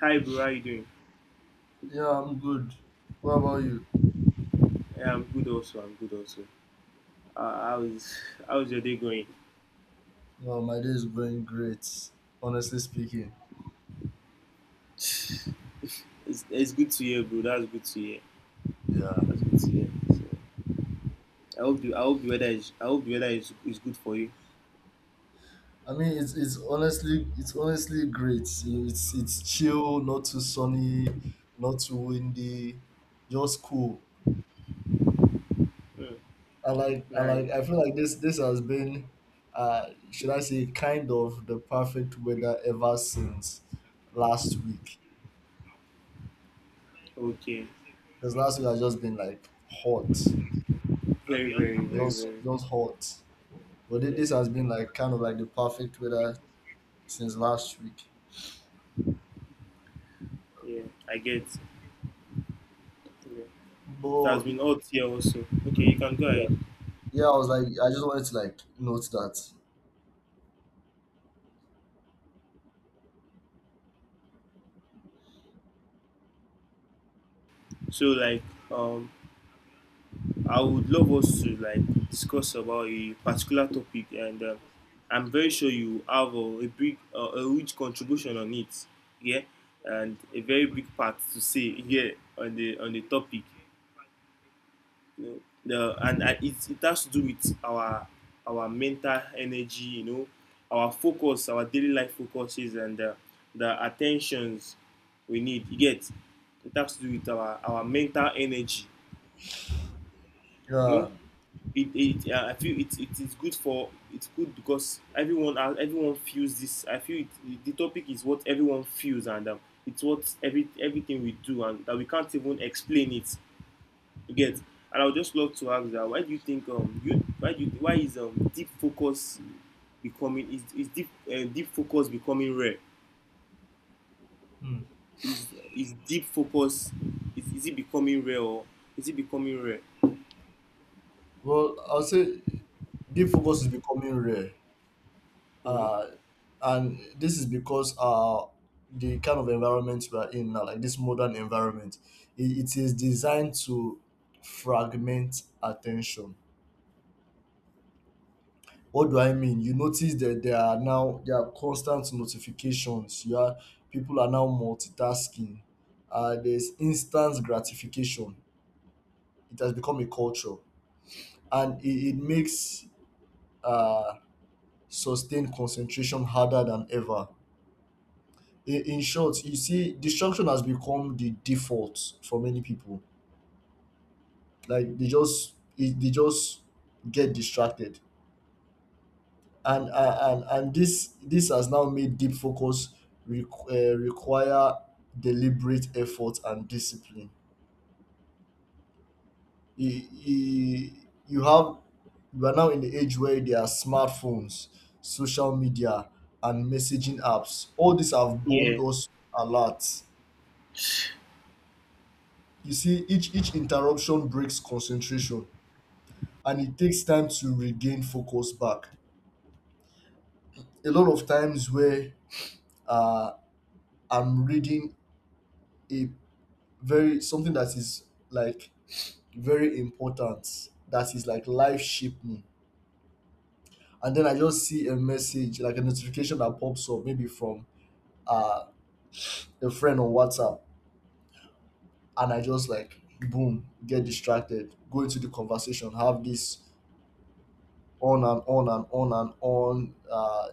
Hi, bro. How you doing? Yeah, I'm good. What about you? Yeah, I'm good. Also, I'm good. Also, uh, how's how's your day going? Well, my day is going great, honestly speaking. It's, it's good to hear, bro. That's good to hear. Yeah. That's good to hear. So, I hope the weather is good for you. It's honestly great. It's chill, not too sunny, not too windy, just cool. Mm. Nice. I feel like this has been should I say kind of the perfect weather ever since last week. Okay. Because last week has just been like hot. Very, very, very, Just very. just hot. But Yeah, this has been like kind of like the perfect weather since last week. yeah. I get. Yeah. It has But been hot here also. Okay, you can go yeah, ahead. yeah, I was like, I just wanted to like note that. So, like, um, I would love us to like discuss about a particular topic, and I'm very sure you have a huge contribution on it, yeah, and a very big part to say, yeah, on the topic, you know, the and I, it has to do with our mental energy, you know, our focus, our daily life focuses, and the attentions we need. You get it has to do with our mental energy, you know Yeah. it, it I feel it is good for it's good because everyone feels this. I feel it, the topic is what everyone feels and it's what everything we do and that we can't even explain it. You get. And I would just love to ask that why do you think you why do you, why is deep focus becoming rare? hmm, Is is deep focus is it becoming rare or is it becoming rare? well, I'll say deep focus is becoming rare, Mhm. uh, and this is because the kind of environment we are in now, like this modern environment, it is designed to fragment attention. What do I mean? You notice that there are constant notifications. You are People are now multitasking. There's instant gratification. It has become a culture, and it makes uh, sustained concentration harder than ever. In short, you see, distraction has become the default for many people. Like they just they just get distracted and this has now made deep focus require deliberate effort and discipline. you, you, you have, we are now in the age where there are smartphones, social media and messaging apps. All these have bombed Yeah. us a lot. You see, each interruption breaks concentration and it takes time to regain focus back. A lot of times where uh, I'm reading a very something that is like very important, that is like life shaping, and then I just see a message, like a notification that pops up maybe from uh a friend on WhatsApp, and I just like boom, get distracted, go into the conversation, have this on and on and on and on,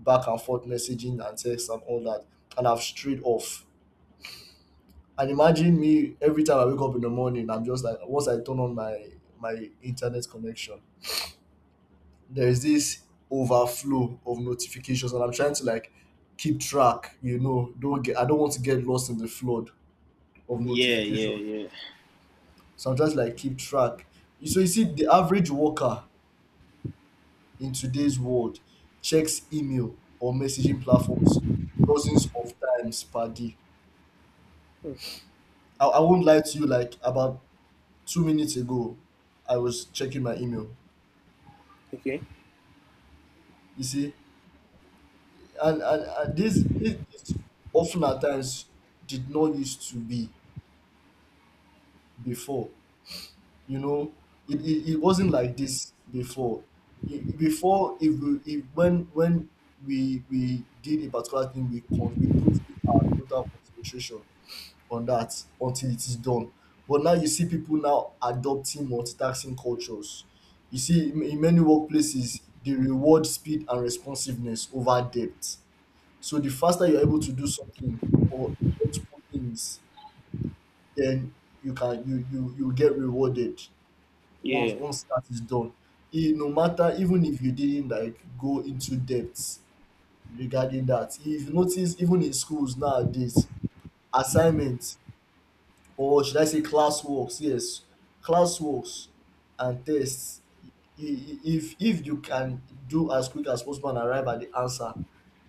back and forth messaging and text and all that, and I've strayed off. And imagine me, every time I wake up in the morning, I'm just like, once I turn on my internet connection, there's this overflow of notifications and I'm trying to like keep track. Don't get I don't want to get lost in the flood of Yeah, notification, yeah, yeah. so I'm just like keep track. So you see, the average worker in today's world checks email or messaging platforms dozens of times per day. Hmm. I won't lie to you, like about 2 minutes ago I was checking my email. Okay. You see, and this this often at times did not used to be before. You know, it wasn't like this before. Before, if we if when we did a particular thing, we we put in our total concentration on that until it is done. But now you see people now adopting multitasking cultures. You see, in many workplaces they reward speed and responsiveness over depth. So the faster you're able to do something or multiple things, then you get rewarded. Yeah. Once that is done, e no matter, even if you didn't like go into depth regarding that. If you notice, even in schools nowadays, assignments, or should I say classworks, yes, classworks and tests, if you can do as quick as possible and arrive at the answer,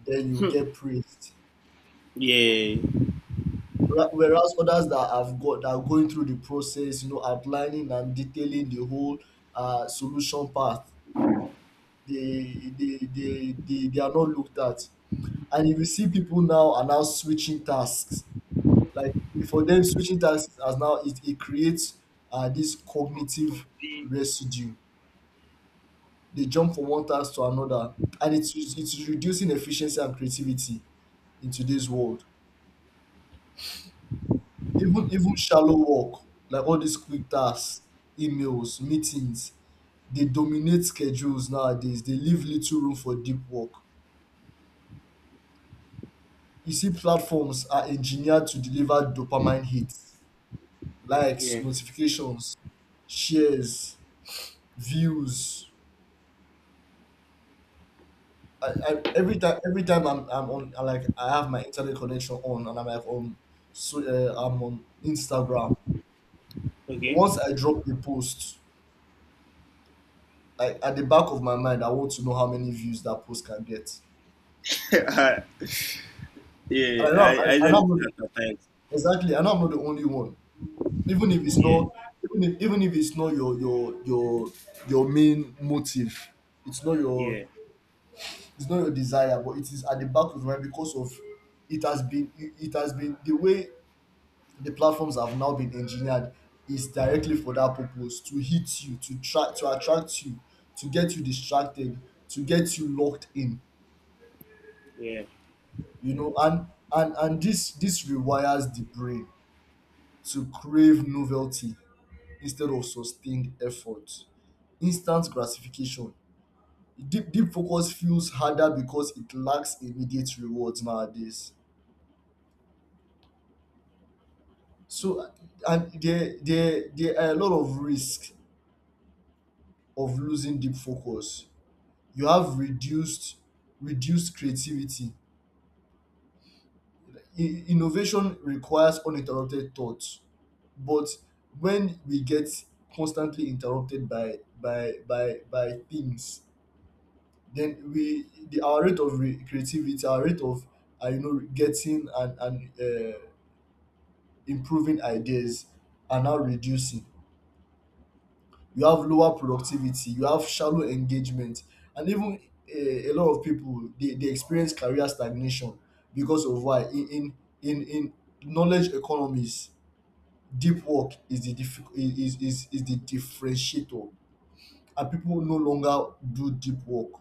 then you get praised. Yeah. Whereas others that have got that are going through the process, you know, outlining and detailing the whole solution path, they are not looked at. And if you see, people now are now switching tasks. Like for them, switching tasks as now, it creates this From cognitive being. residue. They jump from one task to another and it's reducing efficiency and creativity in today's world. Even shallow work like all these quick tasks, emails, meetings, they dominate schedules nowadays. They leave little room for deep work. You see, platforms are engineered to deliver dopamine hits, likes, Yeah. notifications, shares, views. Every time, I'm, I have my internet connection on, and I'm like on, so I'm on Instagram. Okay. Once I drop the post, like at the back of my mind, I want to know how many views that post can get. I- And yeah, I know, I, I I know usually do I'm not that sometimes. exactly. I know I'm not the only one. Even if it's Yeah. not, even if it's not your your main motive, it's not your, Yeah. it's not your desire, but it is at the back of your mind because of, it has been, it has been the way the platforms have now been engineered is directly for that purpose, to hit you, to try to attract you, to get you distracted, to get you locked in. Yeah. You know, and this rewires the brain to crave novelty instead of sustained effort. Instant gratification. Deep focus feels harder because it lacks immediate rewards nowadays. So and there are a lot of risks of losing deep focus. You have reduced, creativity. Innovation requires uninterrupted thoughts, but when we get constantly interrupted by things, then our rate of creativity, our rate of you know, getting and, uh, improving ideas are now reducing. You have lower productivity, you have shallow engagement, and even a lot of people, they experience career stagnation because of why? In, knowledge economies, deep work is the is the differentiator, and people no longer do deep work.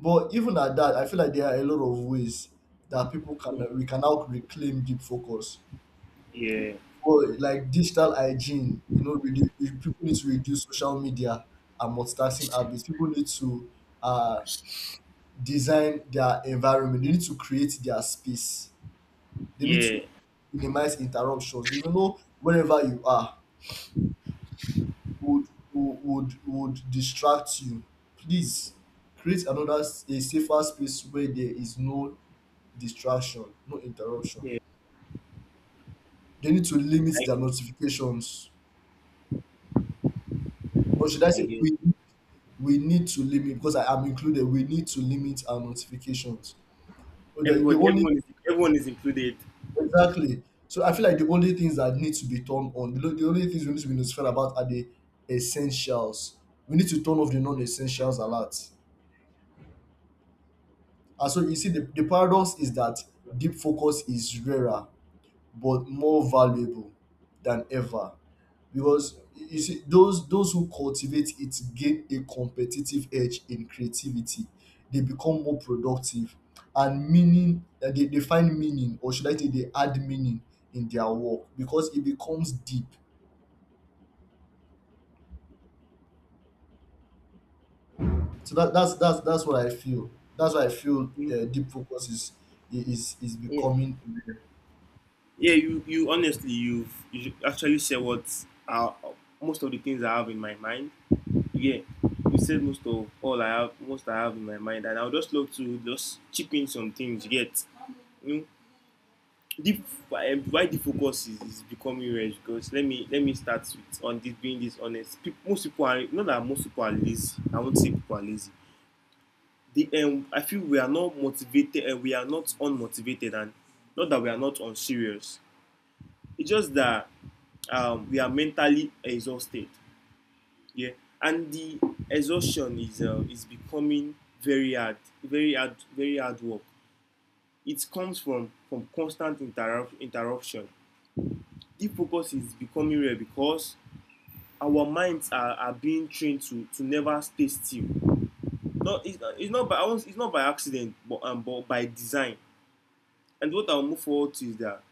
But even at that, I feel like there are a lot of ways that people can we can now reclaim deep focus. Yeah. Or like digital hygiene. You know, people need to reduce social media and multitasking habits. People need to uh, design their environment. They need to create their space. They need Yeah. to minimize interruptions. Even though wherever you are would distract you, please create another a safer space where there is no distraction, no interruption. Yeah. They need to limit I their notifications. Or should I I say guess. we need to limit, because I am included, we need to limit our notifications. But the Everyone, only, everyone is included. exactly. So I feel like the only things that need to be turned on, the only things we need to be notified about are the essentials. We need to turn off the non-essentials alert. And so you see, the paradox is that deep focus is rarer but more valuable than ever. Because you see, those who cultivate it gain a competitive edge in creativity. They become more productive and meaning that they find meaning, or should I say they add meaning in their work because it becomes deep. So that's what I feel. That's why I feel Mm. Deep focus is Yeah. becoming rare. Yeah, you honestly you've you should actually said what are most of the things I have in my mind. Yeah, you said most I have in my mind, and I will just love to just chip in some things. You get. Hmm? Deep, why the focus is becoming rich because let me start with on this being this honest. People, most people are lazy. I won't say people are lazy. The I feel we are not motivated and we are not unmotivated and not that we are not unserious. It's just that we are mentally exhausted. Yeah. And the exhaustion is becoming very hard, very hard work. It comes from constant interruption. Deep focus is becoming rare because our minds are being trained to never stay still. No, it's not by accident, but by design. And what I'll move forward to is that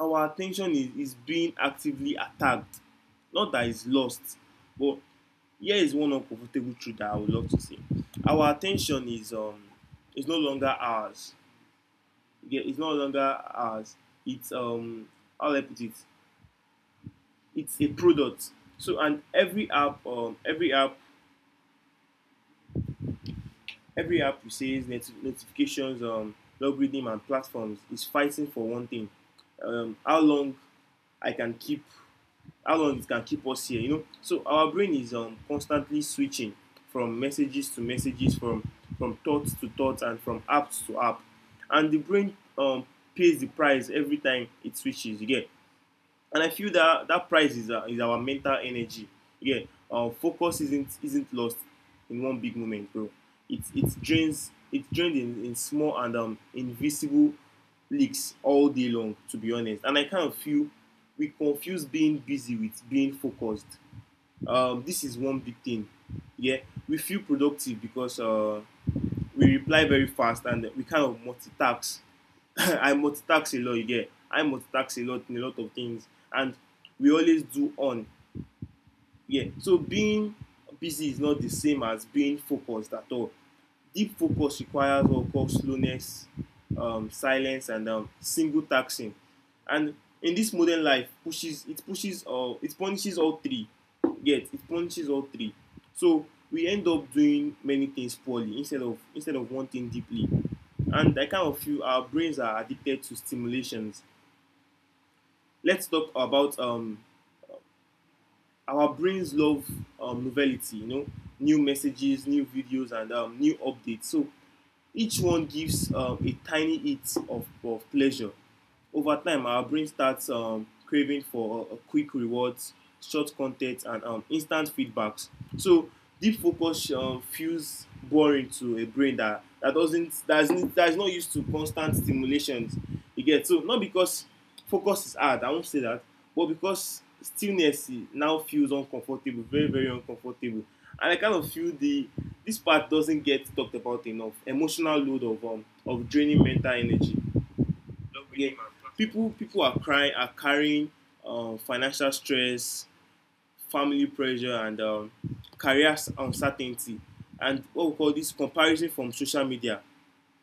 our attention is being actively attacked. Not that it's lost, but here is one uncomfortable truth that I would love to say. Our attention is is no longer ours. Yeah, it's no longer ours. It's How do I put it? It's a product. So and every app you say notifications, algorithm and platforms is fighting for one thing. How long I can keep, how long it can keep us here, you know. So our brain is constantly switching from messages to messages, from thoughts to thoughts, and from apps to app, and the brain pays the price every time it switches again. And I feel that price is our mental energy. Yeah, our focus isn't lost in one big moment, bro. It drains in small and invisible leaks all day long, to be honest. And I kind of feel we confuse being busy with being focused. This is one big thing. Yeah, we feel productive because we reply very fast and we kind of multitask. I multitask a lot, you get. I multitask a lot in a lot of things, and we always do on, yeah. So being busy is not the same as being focused at all. Deep focus requires what we call slowness, silence, and single taxing. And in this modern life, pushes it pushes all it punishes all three. Yet it punishes all three. So we end up doing many things poorly instead of one thing deeply. And I kind of feel our brains are addicted to stimulations. Let's talk about our brains love novelty, you know, new messages, new videos, and new updates. So each one gives a tiny hit of pleasure. Over time, our brain starts craving for quick rewards, short content, and instant feedbacks. So deep focus feels boring to a brain that, that doesn't that's not used to constant stimulations. You get, so not because focus is hard. I won't say that, but because stillness now feels uncomfortable, very very uncomfortable, and I kind of feel the this part doesn't get talked about enough. Emotional load of draining mental energy, yeah, people are carrying financial stress, family pressure, and career uncertainty, and what we call this comparison from social media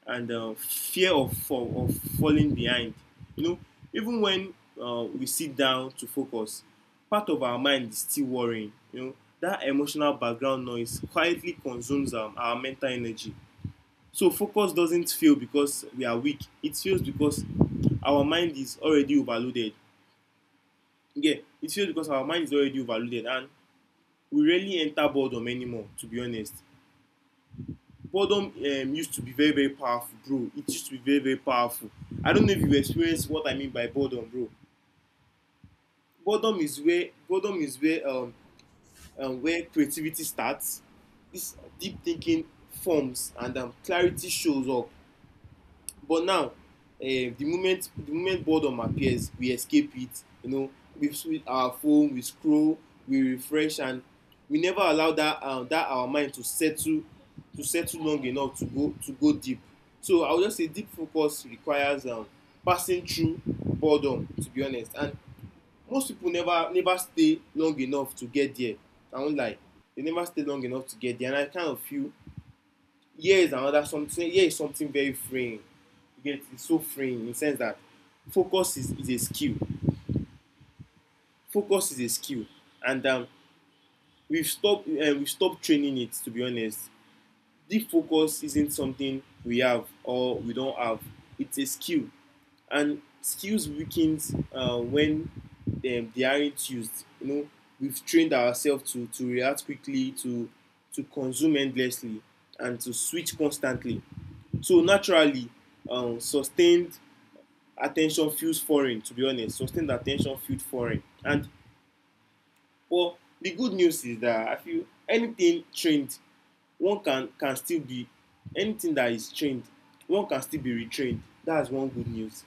and fear of falling behind. You know, even when we sit down to focus, part of our mind is still worrying. You know, that emotional background noise quietly consumes our mental energy. So focus doesn't fail because we are weak. It fails because our mind is already overloaded. Yeah, it fails because our mind is already overloaded and we rarely enter boredom anymore, to be honest. Boredom used to be very, very powerful, bro. It used to be very, very powerful. I don't know if you have experienced what I mean by boredom, bro. Boredom is where where creativity starts. This deep thinking forms and clarity shows up. But now, the moment boredom appears, we escape it. You know, we switch our phone, we scroll, we refresh, and we never allow that, that our mind to settle, long enough to go deep. So I would just say deep focus requires passing through boredom, to be honest. And most people never stay long enough to get there. I won't lie, they never stay long enough to get there, and I kind of feel here is something very freeing. You get, it's so freeing in the sense that focus is a skill. Focus is a skill. And we've stopped training it, to be honest. Deep focus isn't something we have or we don't have. It's a skill. And skills weakens when they aren't used, you know. We've trained ourselves to react quickly, to consume endlessly, and to switch constantly. So naturally, sustained attention feels foreign. To be honest, sustained attention feels foreign. And well, the good news is that I feel anything trained, one can still be anything that is trained, one can still be retrained. That's one good news.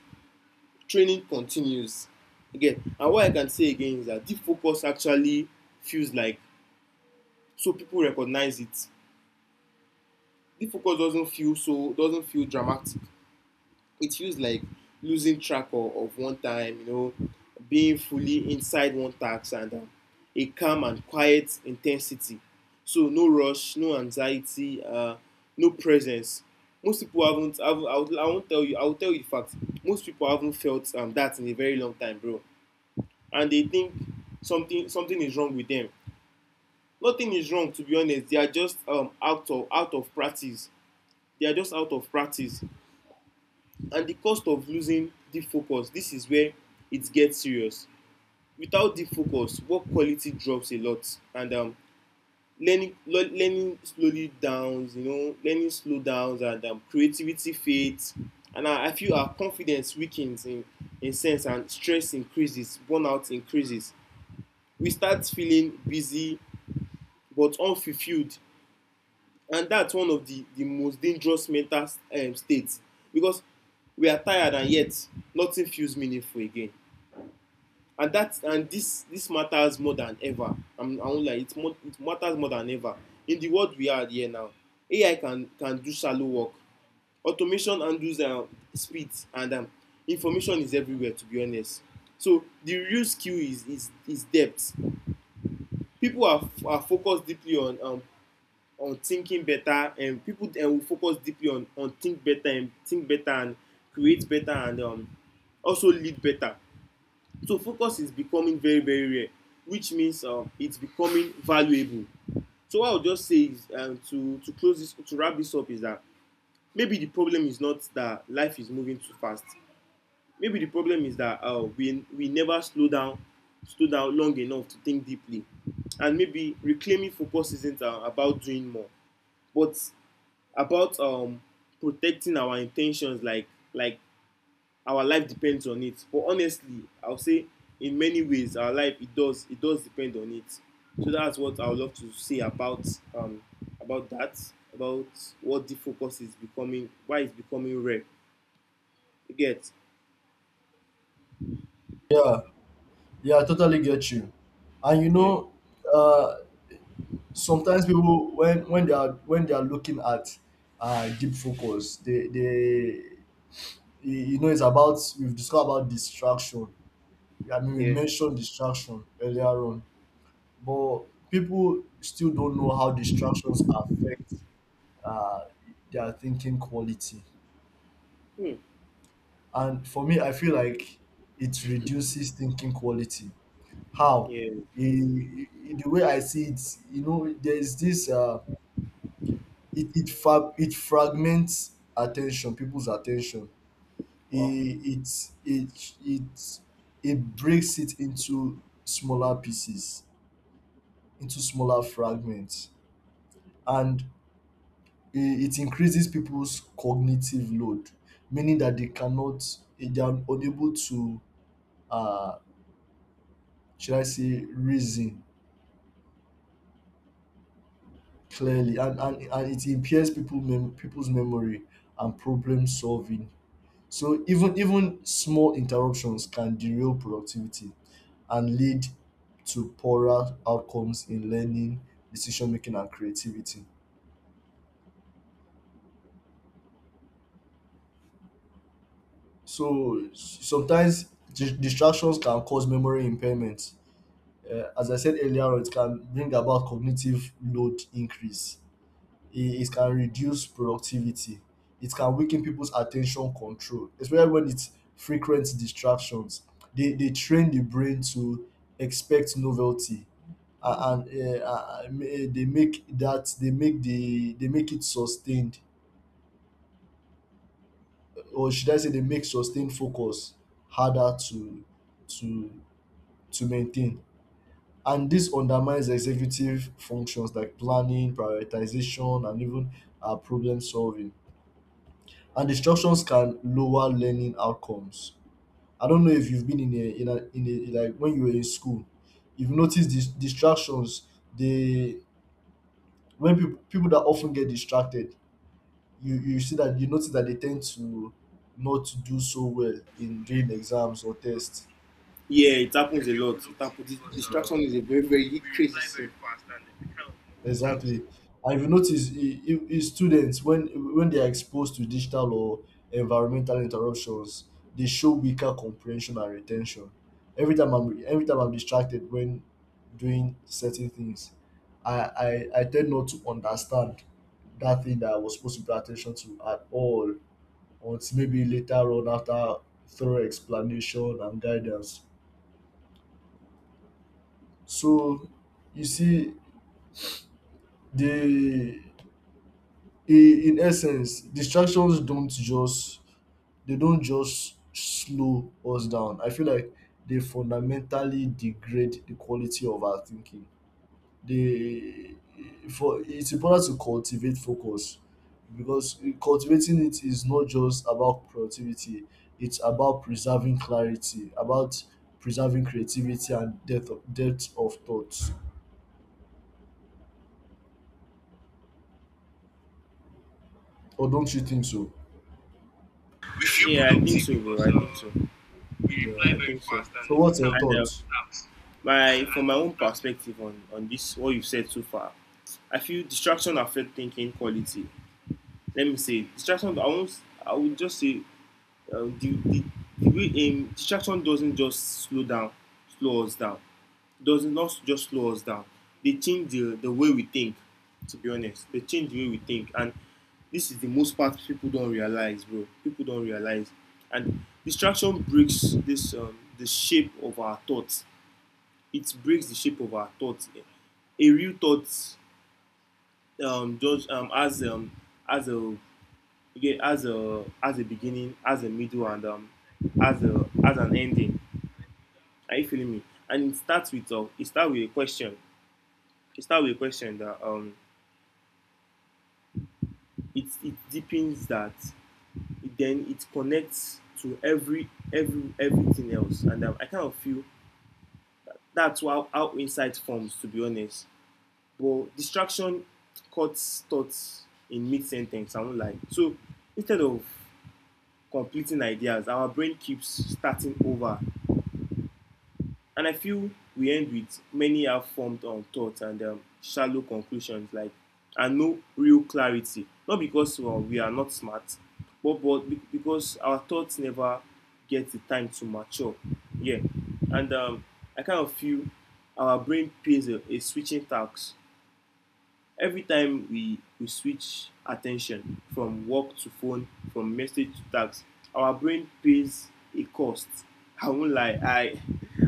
Training continues. Again, and what I can say again is that deep focus actually feels like, so people recognize it. Deep focus doesn't feel dramatic. It feels like losing track of one time, you know, being fully inside one task and a calm and quiet intensity. So no rush, no anxiety, no presence. Most people haven't. I won't tell you. I will tell you the fact. Most people haven't felt that in a very long time, bro. And they think something is wrong with them. Nothing is wrong, to be honest. They are just out of practice. They are just out of practice, and the cost of losing deep focus, this is where it gets serious. Without deep focus, work quality drops a lot, and learning learning slowly downs, you know, learning slow downs, and creativity fades, and I feel our confidence weakens in sense, and stress increases, burnout increases. We start feeling busy but unfulfilled, and that's one of the most dangerous mental states, because we are tired and yet nothing feels meaningful again. And that and this matters more than ever. I won't lie, it more it matters more than ever. In the world we are here now, AI can do shallow work, automation handles speed, and information is everywhere, to be honest. So the real skill is is depth. People are focused deeply on thinking better, and people will focus deeply on think better and create better, and also lead better. So focus is becoming very, very rare, which means it's becoming valuable. So what I'll just say is to close this, to wrap this up, is that maybe the problem is not that life is moving too fast. Maybe the problem is that we never slow down, slow down long enough to think deeply. And maybe reclaiming focus isn't about doing more, but about protecting our intentions like our life depends on it. But honestly, I'll say in many ways our life it does depend on it. So that's what I would love to say um about that, about what the focus is becoming, why it's becoming rare. You get? Yeah. Yeah, I totally get you. And you Yeah. know, uh, sometimes people when when they are looking at deep focus, they you know, it's about, we've discussed about distraction. We Yeah. mentioned distraction earlier on, but people still don't know how distractions affect uh, their thinking quality. Hmm. And for me, I feel like it reduces thinking quality. How? Yeah. In the way I see it, you know, there is this it it it fragments attention, people's attention. Wow. It it it it, it breaks it into smaller pieces, into smaller fragments, and it increases people's cognitive load, meaning that they cannot, they are unable to, uh, should I say, reason clearly, and, it impairs people people's memory and problem solving. So even small interruptions can derail productivity and lead to poorer outcomes in learning, decision making and creativity. So sometimes distractions can cause memory impairment. As I said earlier on, it can bring about cognitive load increase. It can reduce productivity, it can weaken people's attention control, especially when it's frequent distractions. They train the brain to expect novelty, they make that they make the they make it sustained, or should I say they make sustained focus harder to to to maintain. And this undermines executive functions like planning, prioritization and even problem solving. And distractions can lower learning outcomes. I don't know if you've been in a, in a, like when you were in school, you've noticed these distractions. They, when people that often get distracted, you see, that you notice that they tend to not do so well in during exams or tests. Yeah, it happens a lot. It happens. Exactly. Distraction is a very, very crazy thing. Exactly. I've noticed. Students when they are exposed to digital or environmental interruptions, they show weaker comprehension and retention. Every time I'm distracted when doing certain things, I tend not to understand that thing that I was supposed to pay attention to at all until maybe later on after thorough explanation and guidance. So you see the in essence distractions don't just they don't just slow us down. I feel like they fundamentally degrade the quality of our thinking. They for It's important to cultivate focus because cultivating it is not just about productivity, it's about preserving clarity, about preserving creativity and depth of thoughts. Or don't you think so? Yeah, I think so, bro. I think so. Yeah. Think so. So what's your And thoughts? my from my own perspective on this what you've said so far, I feel distraction affect thinking quality. Let me say distraction. I won't. I would just say the the way distraction doesn't just slow down, slow us down. Does not just slow us down. They change the way we think. To be honest, they change the way we think, and this is the most part people don't realize, bro. People don't realize. And distraction breaks this the shape of our thoughts. It breaks the shape of our thoughts. A real thought just as a okay, as a beginning, as a middle, and as a as an ending. Are you feeling me? And it starts with a question. It starts with a question that it deepens that, then it connects to every everything else, and I kind of feel that's how insight forms, to be honest. But distraction cuts thoughts in mid-sentence, I won't lie. So instead of completing ideas, our brain keeps starting over. And I feel we end with many have formed on thoughts and shallow conclusions, like, and no real clarity. Not because well, we are not smart, but because our thoughts never get the time to mature. Yeah, and I kind of feel our brain plays a switching task. Every time we switch attention from work to phone, from message to text, our brain pays a cost. I won't lie,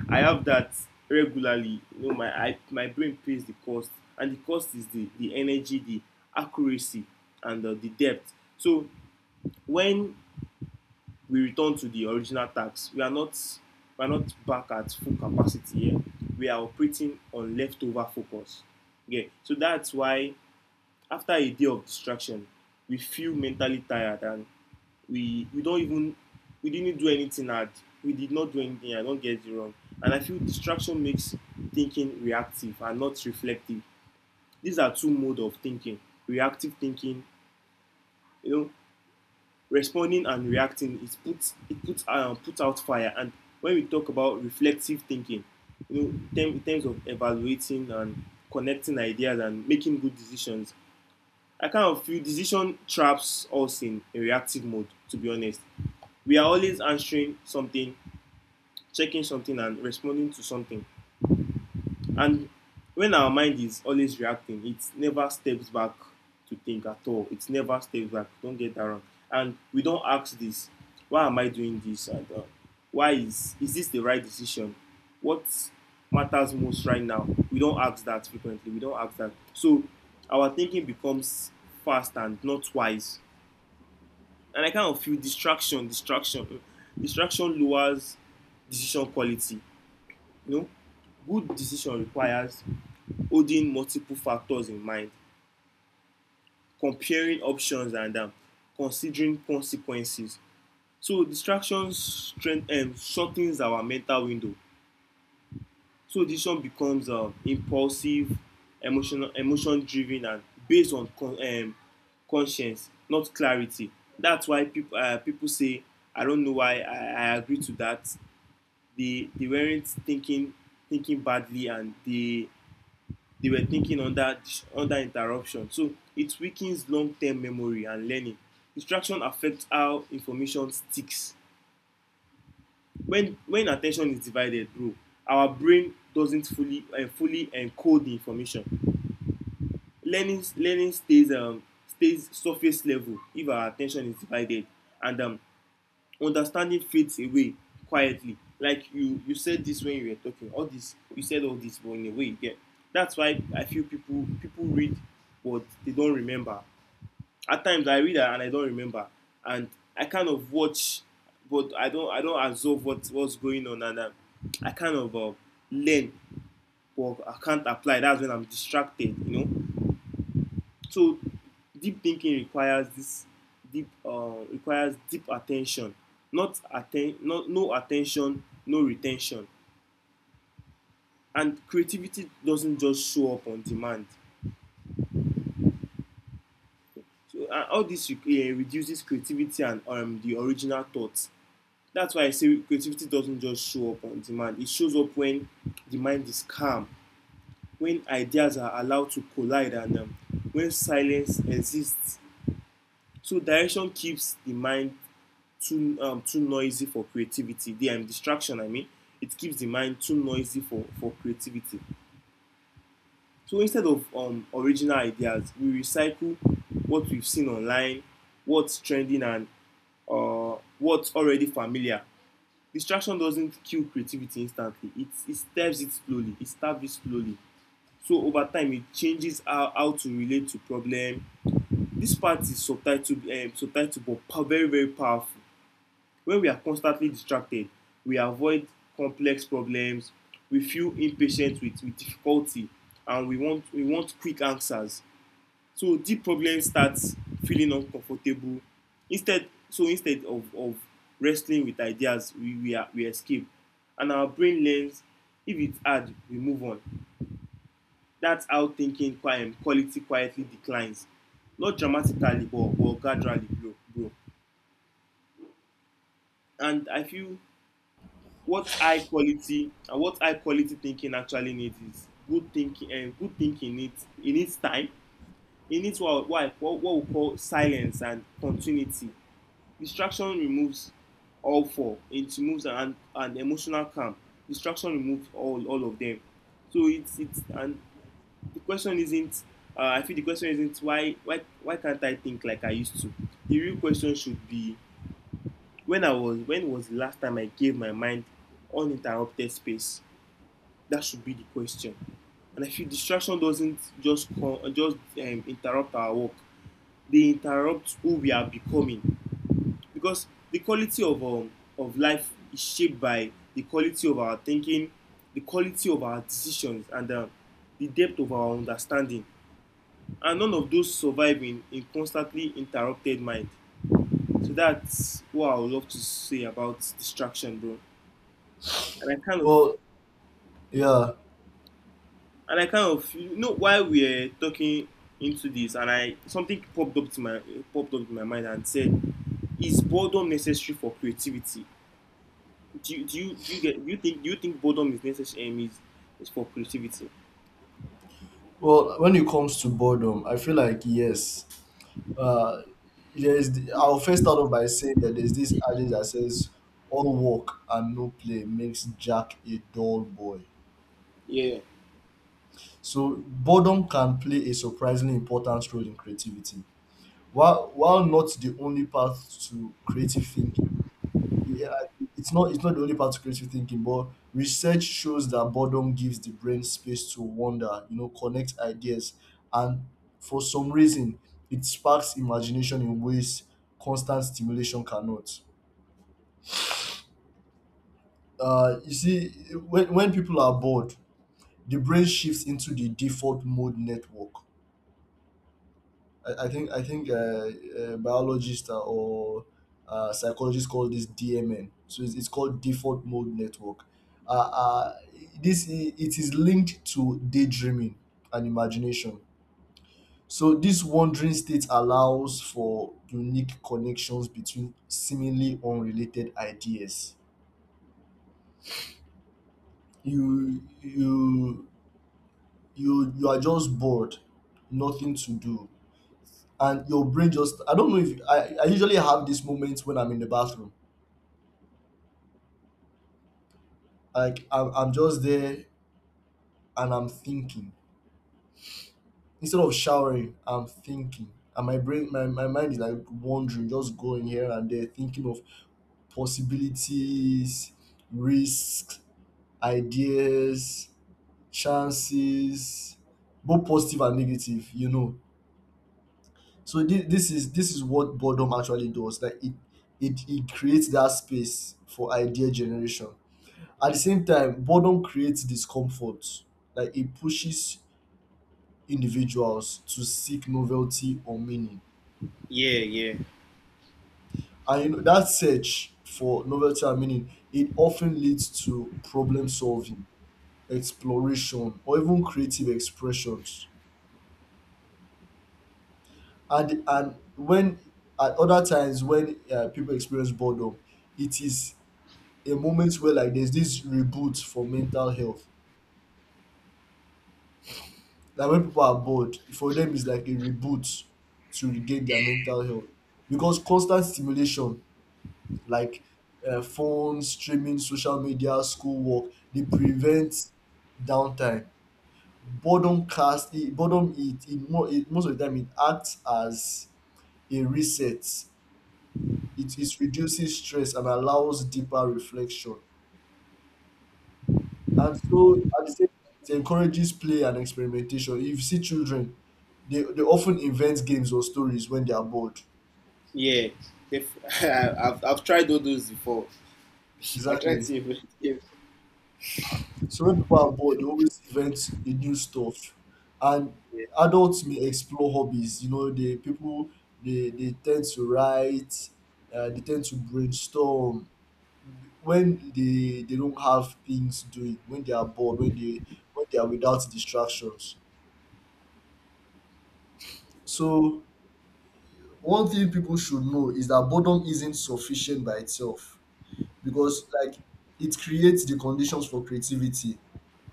I have that regularly. You know, my brain pays the cost, and the cost is the energy, the accuracy, and the depth. So when we return to the original task, we are not back at full capacity here. We are operating on leftover focus. Okay, so that's why after a day of distraction, we feel mentally tired, and we don't even we didn't do anything hard. We did not do anything. I don't get it wrong. And I feel distraction makes thinking reactive and not reflective. These are two modes of thinking: reactive thinking, you know, responding and reacting. It puts puts out fire. And when we talk about reflective thinking, you know, in terms of evaluating and connecting ideas and making good decisions, I kind of feel decision traps us in a reactive mode, to be honest. We are always answering something, checking something, and responding to something. And when our mind is always reacting, it never steps back to think at all. It never steps back. Don't get that wrong. And we don't ask this, why am I doing this? And why is this the right decision? What matters most right now? We don't ask that frequently. We don't ask that. So our thinking becomes fast and not wise. And I kind of feel distraction lowers decision quality. You know, good decision requires holding multiple factors in mind, comparing options, and considering consequences. So distractions strength shortens our mental window. So decision becomes impulsive, emotional, emotion-driven, and based on conscience, not clarity. That's why people people say, "I don't know why I agree to that." They weren't thinking, thinking badly, and they were thinking under under interruption. So it weakens long-term memory and learning. Distraction affects how information sticks. When attention is divided, bro, our brain doesn't fully encode the information. Learning learning stays stays surface level if our attention is divided, and understanding fades away quietly, like you said this when you were talking all this, you said all this but in a way. Yeah, that's why I feel people people read but they don't remember. At times I read and I don't remember, and I kind of watch but I don't I don't absorb what what's going on, and I kind of learn but I can't apply. That's when I'm distracted, you know. So deep thinking requires this deep requires deep attention, not not no attention, no retention. And creativity doesn't just show up on demand. So all this reduces creativity and the original thoughts. That's why I say creativity doesn't just show up on demand. It shows up when the mind is calm, when ideas are allowed to collide, and when silence exists. So direction keeps the mind too too noisy for creativity. The distraction, I mean, it keeps the mind too noisy for creativity. So instead of original ideas, we recycle what we've seen online, what's trending, and what's already familiar. Distraction doesn't kill creativity instantly. It stabs it slowly. It stabs it slowly. So over time, it changes how to relate to problem. This part is subtitled subtitled but very, very powerful. When we are constantly distracted, we avoid complex problems, we feel impatient with difficulty, and we want quick answers. So deep problem starts feeling uncomfortable. Instead, so instead of wrestling with ideas, we escape. And our brain learns, if it's hard, we move on. That's how thinking quiet quality quietly declines. Not dramatically, but gradually, bro, bro. And I feel what high quality and what high quality thinking actually needs is good thinking, and good thinking needs it needs time. It needs what we call silence and continuity. Distraction removes all four. It removes an emotional calm. Distraction removes all of them. So it's, and the question isn't I feel the question isn't why can't I think like I used to. The real question should be, when I was, when was the last time I gave my mind uninterrupted space? That should be the question. And I feel distraction doesn't just interrupt our work. They interrupt who we are becoming. Because the quality of life is shaped by the quality of our thinking, the quality of our decisions, and the depth of our understanding. And none of those survive in constantly interrupted mind. So that's what I would love to say about distraction, bro. And I kind of Well, yeah. and I kind of, you know, while we are talking into this, and I something popped up to my popped up in my mind and said, "Is boredom necessary for creativity? Do you do you, do you get do you think boredom is necessary is for creativity?" Well, when it comes to boredom, I feel like yes. Uh, there is. The, I'll first start off by saying that there's this adage that says, "All work and no play makes Jack a dull boy." Yeah, So boredom can play a surprisingly important role in creativity. While not the only path to creative thinking, yeah, it's not the only part to creative thinking, but research shows that boredom gives the brain space to wander, you know, connect ideas, and for some reason, it sparks imagination in ways constant stimulation cannot. You see, when people are bored, the brain shifts into the default mode network. I think biologists or psychologists call this DMN. So it's called default mode network. Uh, uh, it is linked to daydreaming and imagination. So this wandering state allows for unique connections between seemingly unrelated ideas. You you you are just bored, nothing to do, and your brain just. I don't know if I usually have these moments when I'm in the bathroom. Like I'm just there and I'm thinking. Instead of showering, I'm thinking. And my mind is like wandering, just going here and there, thinking of possibilities, risks, ideas, chances, both positive and negative, you know. So this is what boredom actually does. Like it creates that space for idea generation. At the same time, boredom creates discomfort. Like it pushes individuals to seek novelty or meaning. yeah, yeah, And you know, that search for novelty and meaning, it often leads to problem solving, exploration, or even creative expressions. And when At other times when people experience boredom, it is a moment where like there's this reboot for mental health. Like when people are bored, for them it's like a reboot to regain their mental health, because constant stimulation, like phones, streaming, social media, schoolwork, they prevent downtime. Boredom cast it, boredom it, it, mo- it most of the time it acts as a reset. It is reduces stress and allows deeper reflection. And so at the same time, it encourages play and experimentation. If you see children, they often invent games or stories when they are bored. yeah. Def- I've tried all those before. I tried Exactly. to even. So when people are bored, they always invent the new stuff. And adults may explore hobbies. You know, they tend to write, they tend to brainstorm when they don't have things doing, when they are bored, when they are without distractions. So one thing people should know is that boredom isn't sufficient by itself, because like it creates the conditions for creativity.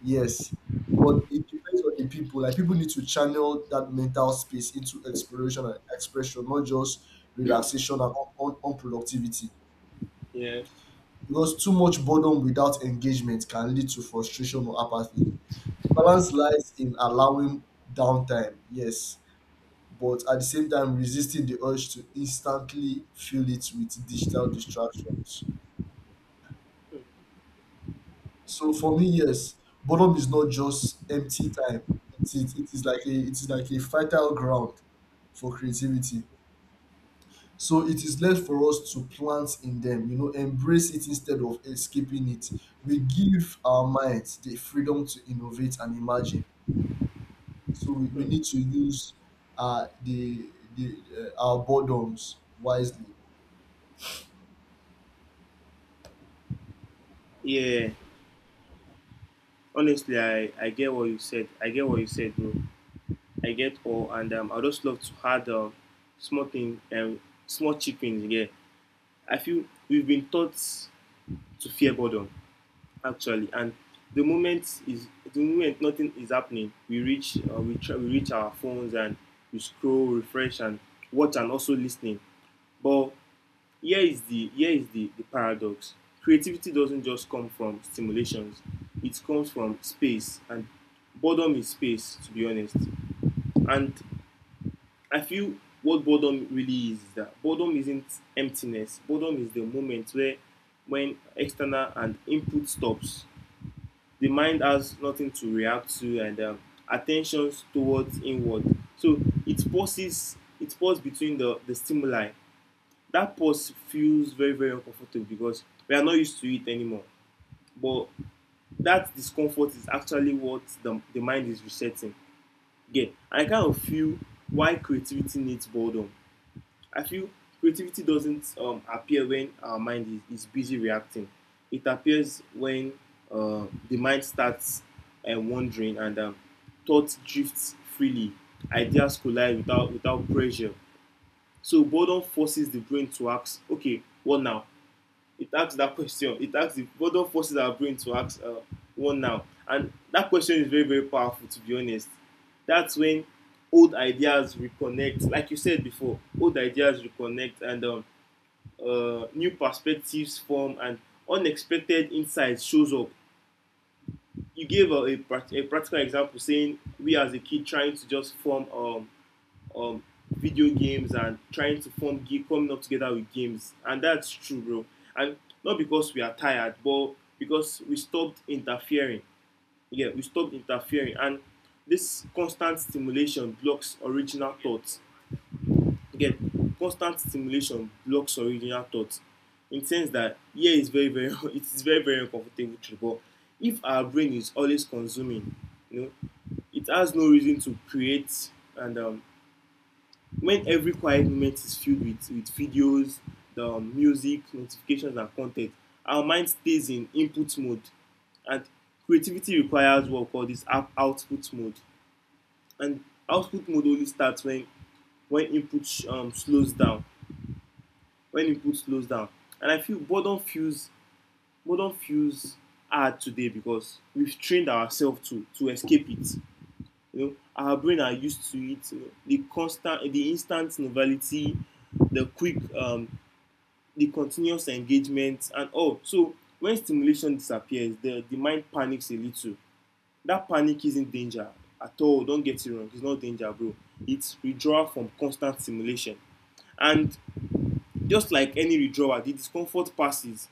Yes. But it depends on the people. Like people need to channel that mental space into exploration and expression, not just relaxation and unproductivity. Yeah, Because too much boredom without engagement can lead to frustration or apathy. The balance lies in allowing downtime, yes, but at the same time resisting the urge to instantly fill it with digital distractions. yeah, So for me, yes, boredom is not just empty time. It is like a it is like a fertile ground for creativity. So it is left for us to plant in them, you know, embrace it instead of escaping it. We give our minds the freedom to innovate and imagine. So yeah, we need to use the our boredoms wisely. yeah. Honestly, I get what you said. I get what you said, bro. I get all, and I just love to add small things, small cheap things. Yeah, I feel we've been taught to fear boredom actually, and the moment is the moment nothing is happening, we reach we try, we reach our phones and we scroll, refresh, and watch, and also listening. But here is the here is the paradox. Creativity doesn't just come from stimulations; it comes from space, and boredom is space, to be honest. And I feel what boredom really is that boredom isn't emptiness. Boredom is the moment where when external and input stops, the mind has nothing to react to, and attention towards inward. So it pauses between the stimuli. That pause feels very, very uncomfortable because we are not used to it anymore. But that discomfort is actually what the mind is resetting. Yeah, I kind of feel why creativity needs boredom. I feel creativity doesn't appear when our mind is busy reacting. It appears when the mind starts wandering, and thoughts drift freely. Ideas collide without without pressure. So boredom forces the brain to ask, okay, what now? It asks that question. It asks if boredom forces our brain to ask one now. And that question is very, very powerful, to be honest. That's when old ideas reconnect. Like you said before, old ideas reconnect and new perspectives form and unexpected insights shows up. You gave a practical example saying we as a kid trying to just form um video games and trying to form coming up together with games, and that's true, bro. And not because we are tired, but because we stopped interfering. Yeah, we stopped interfering, and this constant stimulation blocks original thoughts. Again, constant stimulation blocks original thoughts, in the sense that, yeah, it's very very it is very very uncomfortable truth. But if our brain is always consuming, you know, it has no reason to create. And when every quiet moment is filled with videos, the music, notifications, and content, our mind stays in input mode. And creativity requires what we call this output mode. And output mode only starts when input slows down. When input slows down. And I feel boredom feels boredom feels hard today because we've trained ourselves to escape it. You know, our brain are used to it. You know, the constant, the instant novelty, the quick the continuous engagement and all. So when stimulation disappears, the mind panics a little. That panic isn't danger at all. Don't get it wrong. It's not danger, bro. It's withdrawal from constant stimulation. And just like any withdrawal, the discomfort passes.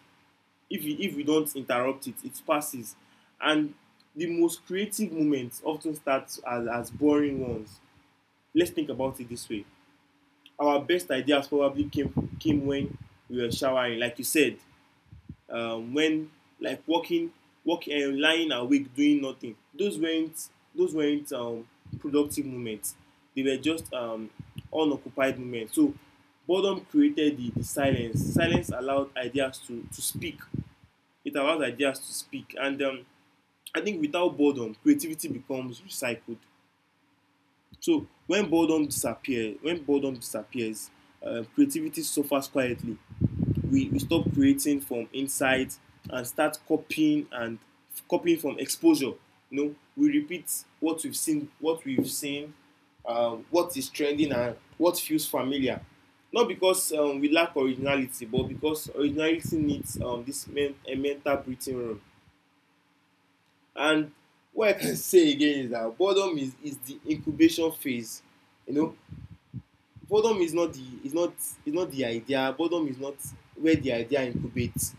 If we don't interrupt it, it passes. And the most creative moments often start as boring ones. Let's think about it this way. Our best ideas probably came when we were showering, like you said, when like walking, walking, lying awake doing nothing. Those weren't productive moments. They were just unoccupied moments. So boredom created the silence. Silence allowed ideas to speak. It allows ideas to speak. And I think without boredom, creativity becomes recycled. So when boredom disappears, creativity suffers quietly. We stop creating from inside and start copying and copying from exposure. You know, we repeat what we've seen, what we've seen, what is trending, and what feels familiar. Not because we lack originality, but because originality needs a mental breathing room. And what I can say again is that boredom is the incubation phase. You know, boredom is not the idea. Boredom is not where the idea incubates.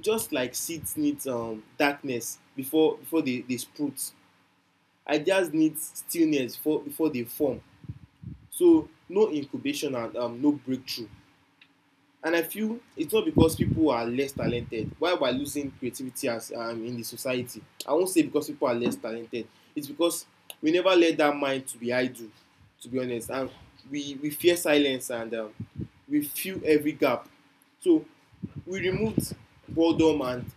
Just like seeds need darkness before before they sprout, ideas need stillness before before they form. So no incubation and no breakthrough. And I feel it's not because people are less talented why we're losing creativity as in the society. I won't say because people are less talented. It's because we never let that mind to be idle, to be honest. And we fear silence, and we fill every gap. So we removed boredom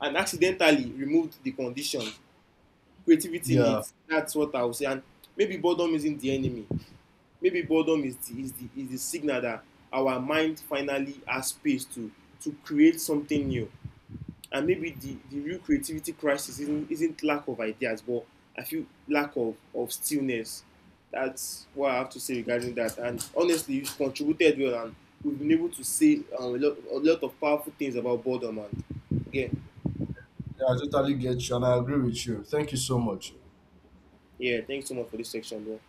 and accidentally removed the condition creativity Yeah, needs. That's what I would say. And maybe boredom isn't the enemy. Maybe boredom is the signal that our mind finally has space to create something new. And maybe the real creativity crisis isn't lack of ideas, but I feel lack of stillness. That's what I have to say regarding that. And honestly, you have contributed well, and we've been able to say a lot of powerful things about boredom. And again, I totally get you, and I agree with you. Thank you so much. yeah, thanks so much for this section, bro.